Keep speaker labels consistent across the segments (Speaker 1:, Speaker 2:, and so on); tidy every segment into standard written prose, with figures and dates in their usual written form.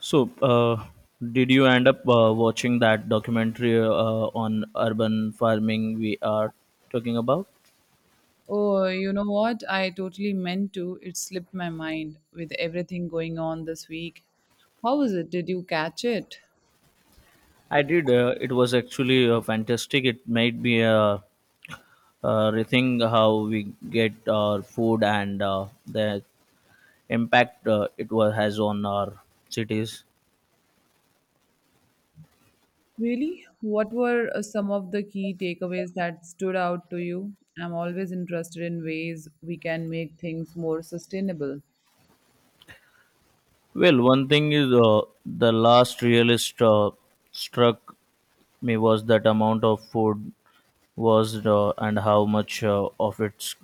Speaker 1: So, uh, did you end up watching that documentary on urban farming we are talking about?
Speaker 2: Oh, you know what? I totally meant to. It slipped my mind with everything going on this week. How was it? Did you catch it?
Speaker 1: I did. It was actually fantastic. It made me rethink how we get our food and the impact has on our cities.
Speaker 2: Really? What were some of the key takeaways that stood out to you? I'm always interested in ways we can make things more sustainable.
Speaker 1: Well, one thing is the last realist struck me was that amount of food was and how much of it's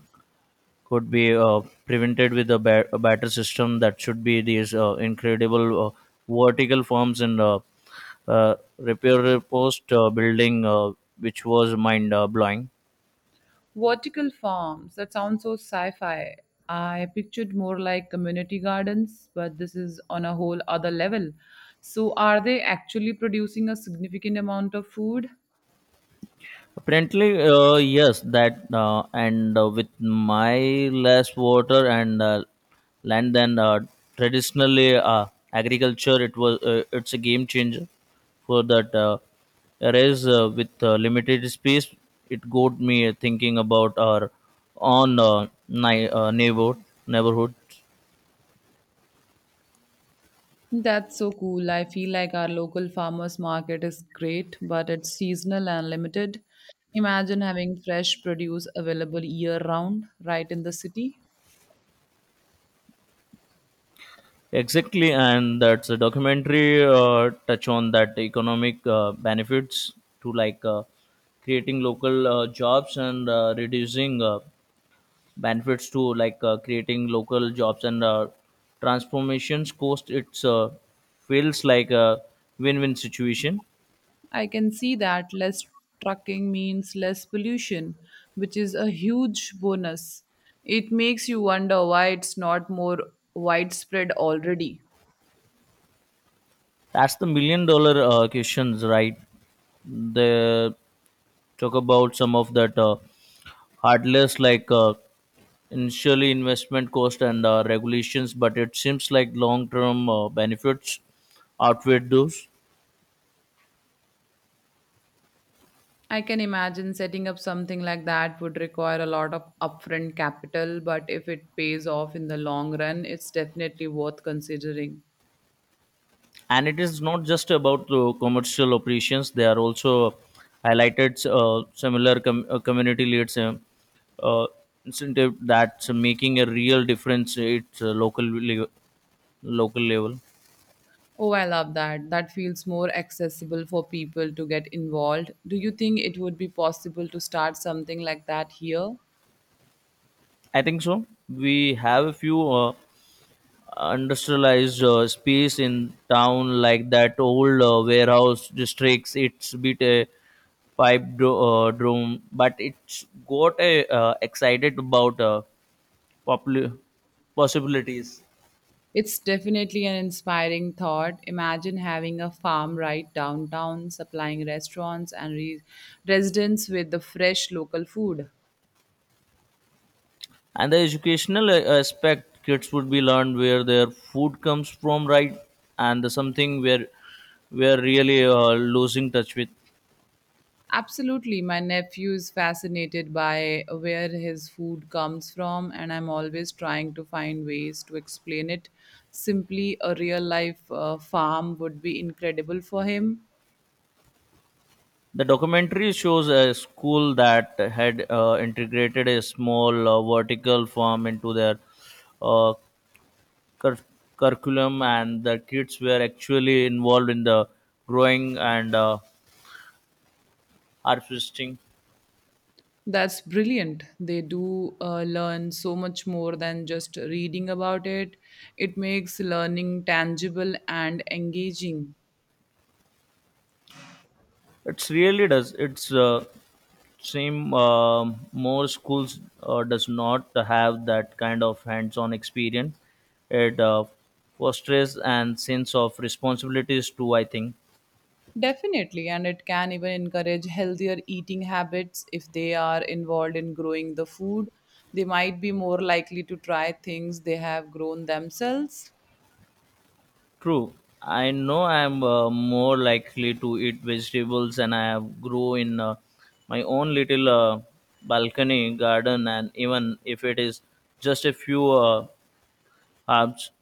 Speaker 1: could be prevented with a better system that should be these incredible vertical forms and repair post building which was mind blowing.
Speaker 2: Vertical farms, that sounds so sci fi. I pictured more like community gardens, but this is on a whole other level. So, are they actually producing a significant amount of food?
Speaker 1: Apparently, yes, that and with my less water and land than traditionally agriculture, it's a game changer for that. Whereas with limited space, it got me thinking about our own neighborhood.
Speaker 2: That's so cool. I feel like our local farmers market is great, but it's seasonal and limited. Imagine having fresh produce available year round right in the city.
Speaker 1: Exactly, and that's a documentary touch on that economic benefits to creating local jobs and reducing benefits to creating local jobs and transformations cost. It's feels like a win-win situation.
Speaker 2: I can see that less trucking means less pollution, which is a huge bonus. It makes you wonder why it's not more widespread already.
Speaker 1: That's the million dollar questions, right? They talk about some of that. Heartless like initially investment cost and regulations, but it seems like long term benefits outweigh those.
Speaker 2: I can imagine setting up something like that would require a lot of upfront capital, but if it pays off in the long run, it's definitely worth considering.
Speaker 1: And it is not just about the commercial operations, they are also highlighted similar com- community leads uh, incentive that's making a real difference at local level.
Speaker 2: Oh, I love that. That feels more accessible for people to get involved. Do you think it would be possible to start something like that here?
Speaker 1: I think so. We have a few industrialized space in town, like that old warehouse districts. It's bit a pipe drum, but it's got a excited about popul- possibilities.
Speaker 2: It's definitely an inspiring thought. Imagine having a farm right downtown, supplying restaurants and residents with the fresh local food.
Speaker 1: And the educational aspect, kids would be learned where their food comes from, right? And the something where we're really losing touch with.
Speaker 2: Absolutely. My nephew is fascinated by where his food comes from, and I'm always trying to find ways to explain it. Simply, a real life farm would be incredible for him.
Speaker 1: The documentary shows a school that had integrated a small vertical farm into their uh, cur- curriculum, and the kids were actually involved in the growing and harvesting.
Speaker 2: That's brilliant. They do learn so much more than just reading about it, it makes learning tangible and engaging.
Speaker 1: It's really does. It's seem more schools does not have that kind of hands-on experience. It fosters and sense of responsibilities too, I think.
Speaker 2: Definitely, and it can even encourage healthier eating habits if they are involved in growing the food. They might be more likely to try things they have grown themselves.
Speaker 1: True. I know I'm more likely to eat vegetables and I have grow in my own little balcony garden, and even if it is just a few herbs.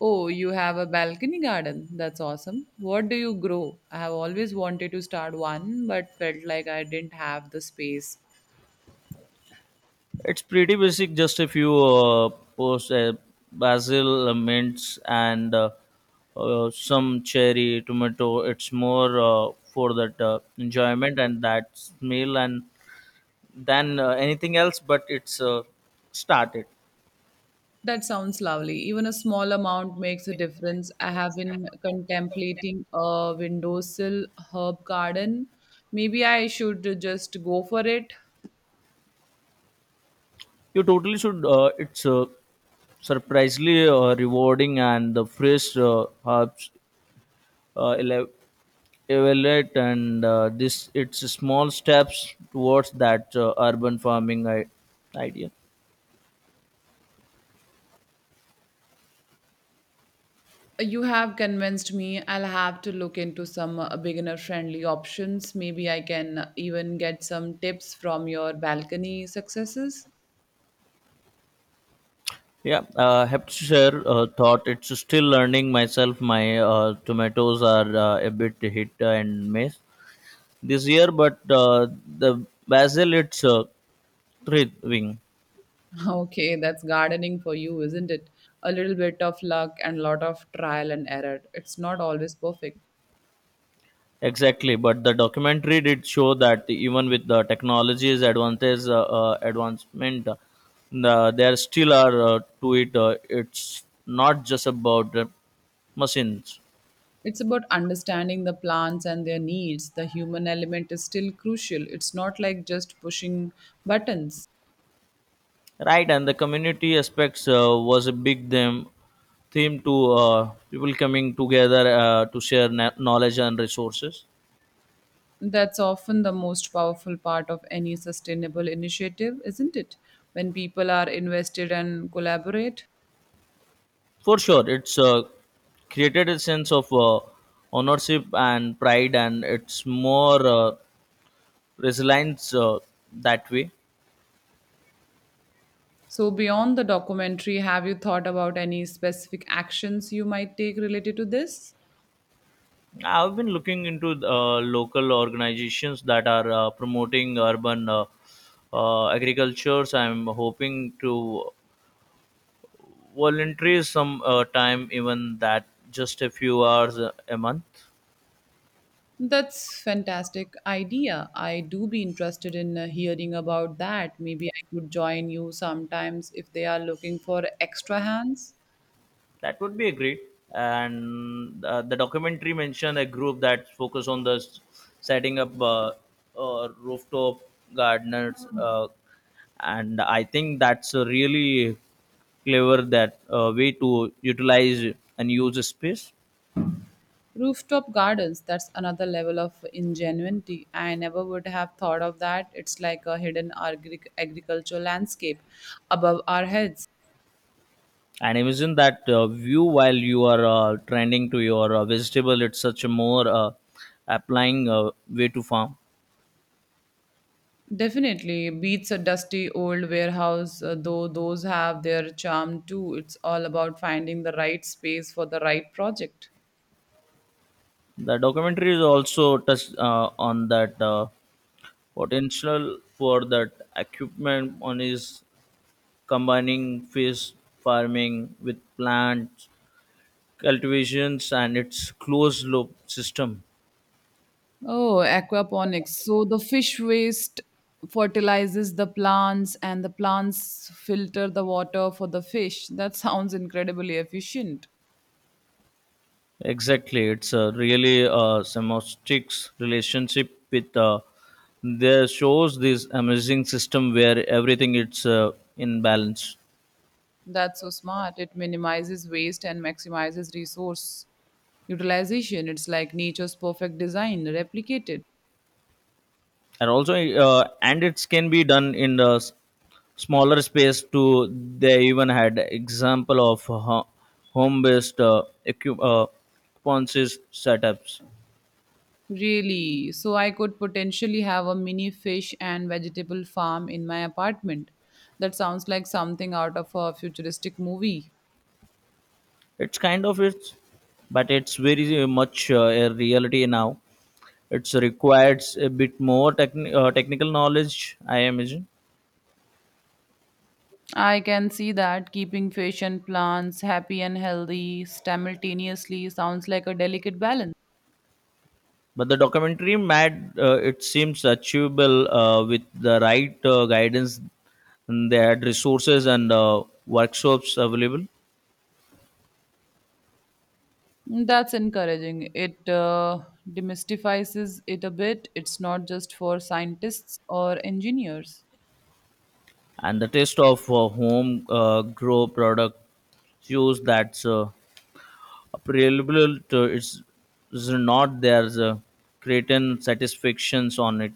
Speaker 2: Oh, you have a balcony garden. That's awesome. What do you grow? I have always wanted to start one, but felt like I didn't have the space.
Speaker 1: It's pretty basic, just a few post basil mints and some cherry tomato. It's more for that enjoyment and that smell and than anything else, but it's started.
Speaker 2: That sounds lovely. Even a small amount makes a difference. I have been contemplating a windowsill herb garden. Maybe I should just go for it.
Speaker 1: You totally should. It's surprisingly rewarding, and the fresh herbs uh, ele- evaluate and this it's small steps towards that urban farming idea.
Speaker 2: You have convinced me. I'll have to look into some beginner-friendly options. Maybe I can even get some tips from your balcony successes.
Speaker 1: Yeah, have to share thought. It's still learning myself. My tomatoes are a bit hit and miss this year, but the basil it's thriving.
Speaker 2: Okay, that's gardening for you, isn't it? A little bit of luck and lot of trial and error. It's not always perfect.
Speaker 1: Exactly, but the documentary did show that even with the technology's advantage, advancement, there still are to it. It's not just about machines,
Speaker 2: It's about understanding the plants and their needs. The human element is still crucial. It's not like just pushing buttons.
Speaker 1: right? And the community aspects was a big theme to people coming together to share knowledge and resources.
Speaker 2: That's often the most powerful part of any sustainable initiative, isn't it? When people are invested and collaborate.
Speaker 1: For sure, it's created a sense of ownership and pride, and it's more. Resilience that way.
Speaker 2: So, beyond the documentary, have you thought about any specific actions you might take related to this?
Speaker 1: I've been looking into local organizations that are promoting urban agriculture. So I'm hoping to volunteer some time, even that just a few hours a month.
Speaker 2: That's fantastic idea. I do be interested in hearing about that. Maybe I could join you sometimes if they are looking for extra hands.
Speaker 1: That would be a great. And the documentary mentioned a group that focused on setting up rooftop gardeners, and I think that's a really clever that way to utilize and use the space.
Speaker 2: Rooftop gardens, that's another level of ingenuity. I never would have thought of that. It's like a hidden agricultural landscape above our heads.
Speaker 1: And imagine that view while you are tending to your vegetable. It's such a more applying way to farm.
Speaker 2: Definitely beats a dusty old warehouse, though those have their charm too. It's all about finding the right space for the right project.
Speaker 1: The documentary is also touched on that. Potential for that equipment on is combining fish farming with plant cultivations and its closed loop system.
Speaker 2: Oh, aquaponics. So the fish waste fertilizes the plants and the plants filter the water for the fish. That sounds incredibly efficient.
Speaker 1: Exactly, it's a really semiotics relationship with there shows this amazing system where everything it's in balance.
Speaker 2: That's so smart. It minimizes waste and maximizes resource utilization. It's like nature's perfect design replicated.
Speaker 1: And also and it can be done in the smaller space too. They even had example of home based equi- uh, ponces setups.
Speaker 2: Really? So I could potentially have a mini fish and vegetable farm in my apartment. That sounds like something out of a futuristic movie.
Speaker 1: It's kind of it's, but it's very much a reality now. It's requires a bit more technical knowledge, I imagine.
Speaker 2: I can see that keeping fish and plants happy and healthy simultaneously sounds like a delicate balance.
Speaker 1: But the documentary mad, it seems achievable with the right guidance. And they had resources and workshops available,
Speaker 2: Mm, that's encouraging. It demystifies it a bit. It's not just for scientists or engineers.
Speaker 1: and the taste of home grow product shows that's available to it's, is not there's a creating satisfactions on it.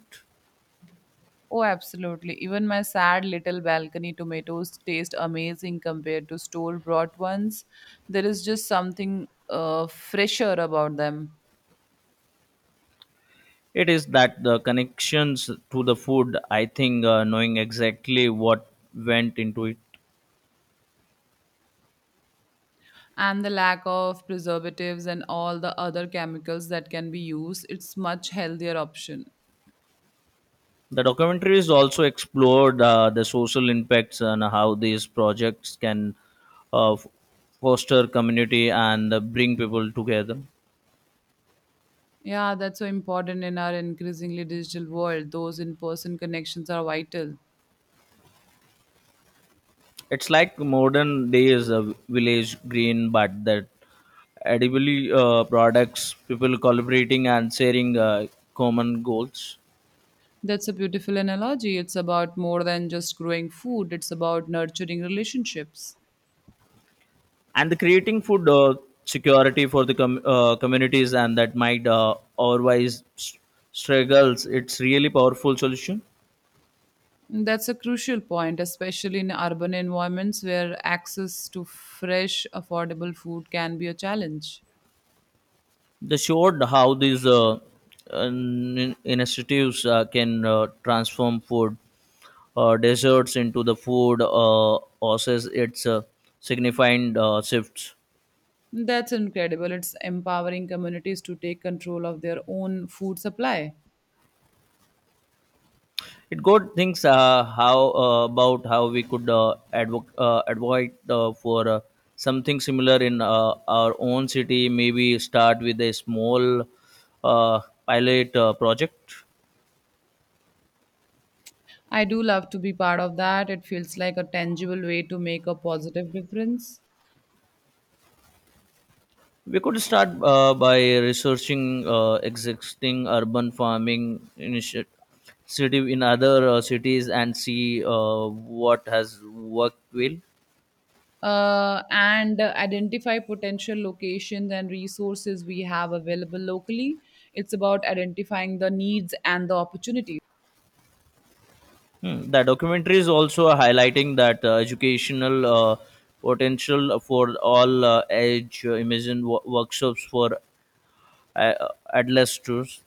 Speaker 2: Oh, absolutely. Even my sad little balcony tomatoes taste amazing compared to store bought ones. There is just something fresher about them.
Speaker 1: It is that the connections to the food, I think, knowing exactly what went into it.
Speaker 2: And the lack of preservatives and all the other chemicals that can be used, it's much healthier option.
Speaker 1: The documentaries also explored the social impacts and how these projects can uh, f- foster community and bring people together.
Speaker 2: Yeah, that's so important in our increasingly digital world. Those in person connections are vital.
Speaker 1: It's like modern days village green, but that edibly products, people collaborating and sharing common goals,
Speaker 2: That's a beautiful analogy. It's about more than just growing food, it's about nurturing relationships.
Speaker 1: and the creating food security for the communities and that might otherwise struggles. It's really powerful solution.
Speaker 2: That's a crucial point, especially in urban environments where access to fresh, affordable food can be a challenge.
Speaker 1: They showed how these initiatives can transform food deserts into the food oasis. It's signifying shifts.
Speaker 2: That's incredible. It's empowering communities to take control of their own food supply.
Speaker 1: It got things how about how we could advocate for something similar in our own city. Maybe start with a small pilot project.
Speaker 2: I do love to be part of that. It feels like a tangible way to make a positive difference.
Speaker 1: We could start by researching existing urban farming initiative in other cities and see what has worked well.
Speaker 2: And identify potential locations and resources we have available locally. It's about identifying the needs and the opportunities.
Speaker 1: Hmm. The documentary is also highlighting that educational potential for all age immersion workshops for uh, adolescents.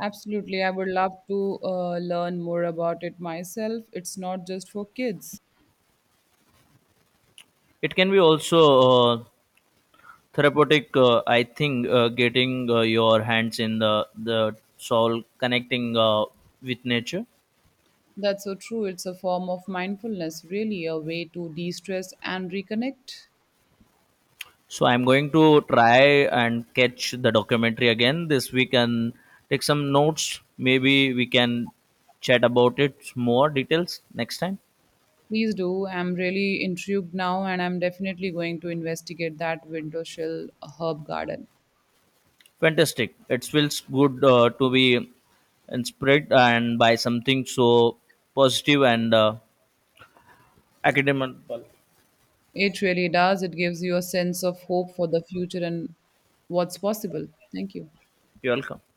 Speaker 2: Absolutely, I would love to learn more about it myself. It's not just for kids.
Speaker 1: It can be also therapeutic, I think, getting your hands in the soul, connecting with nature.
Speaker 2: That's so true. It's a form of mindfulness, really, a way to de stress and reconnect.
Speaker 1: So I'm going to try and catch the documentary again this week and take some notes. Maybe we can chat about it more details next time.
Speaker 2: Please do. I'm really intrigued now, and I'm definitely going to investigate that window sill herb garden.
Speaker 1: Fantastic. It feels good to be inspired and by something so positive and academical.
Speaker 2: It really does. It gives you a sense of hope for the future and what's possible. Thank you.
Speaker 1: You're welcome.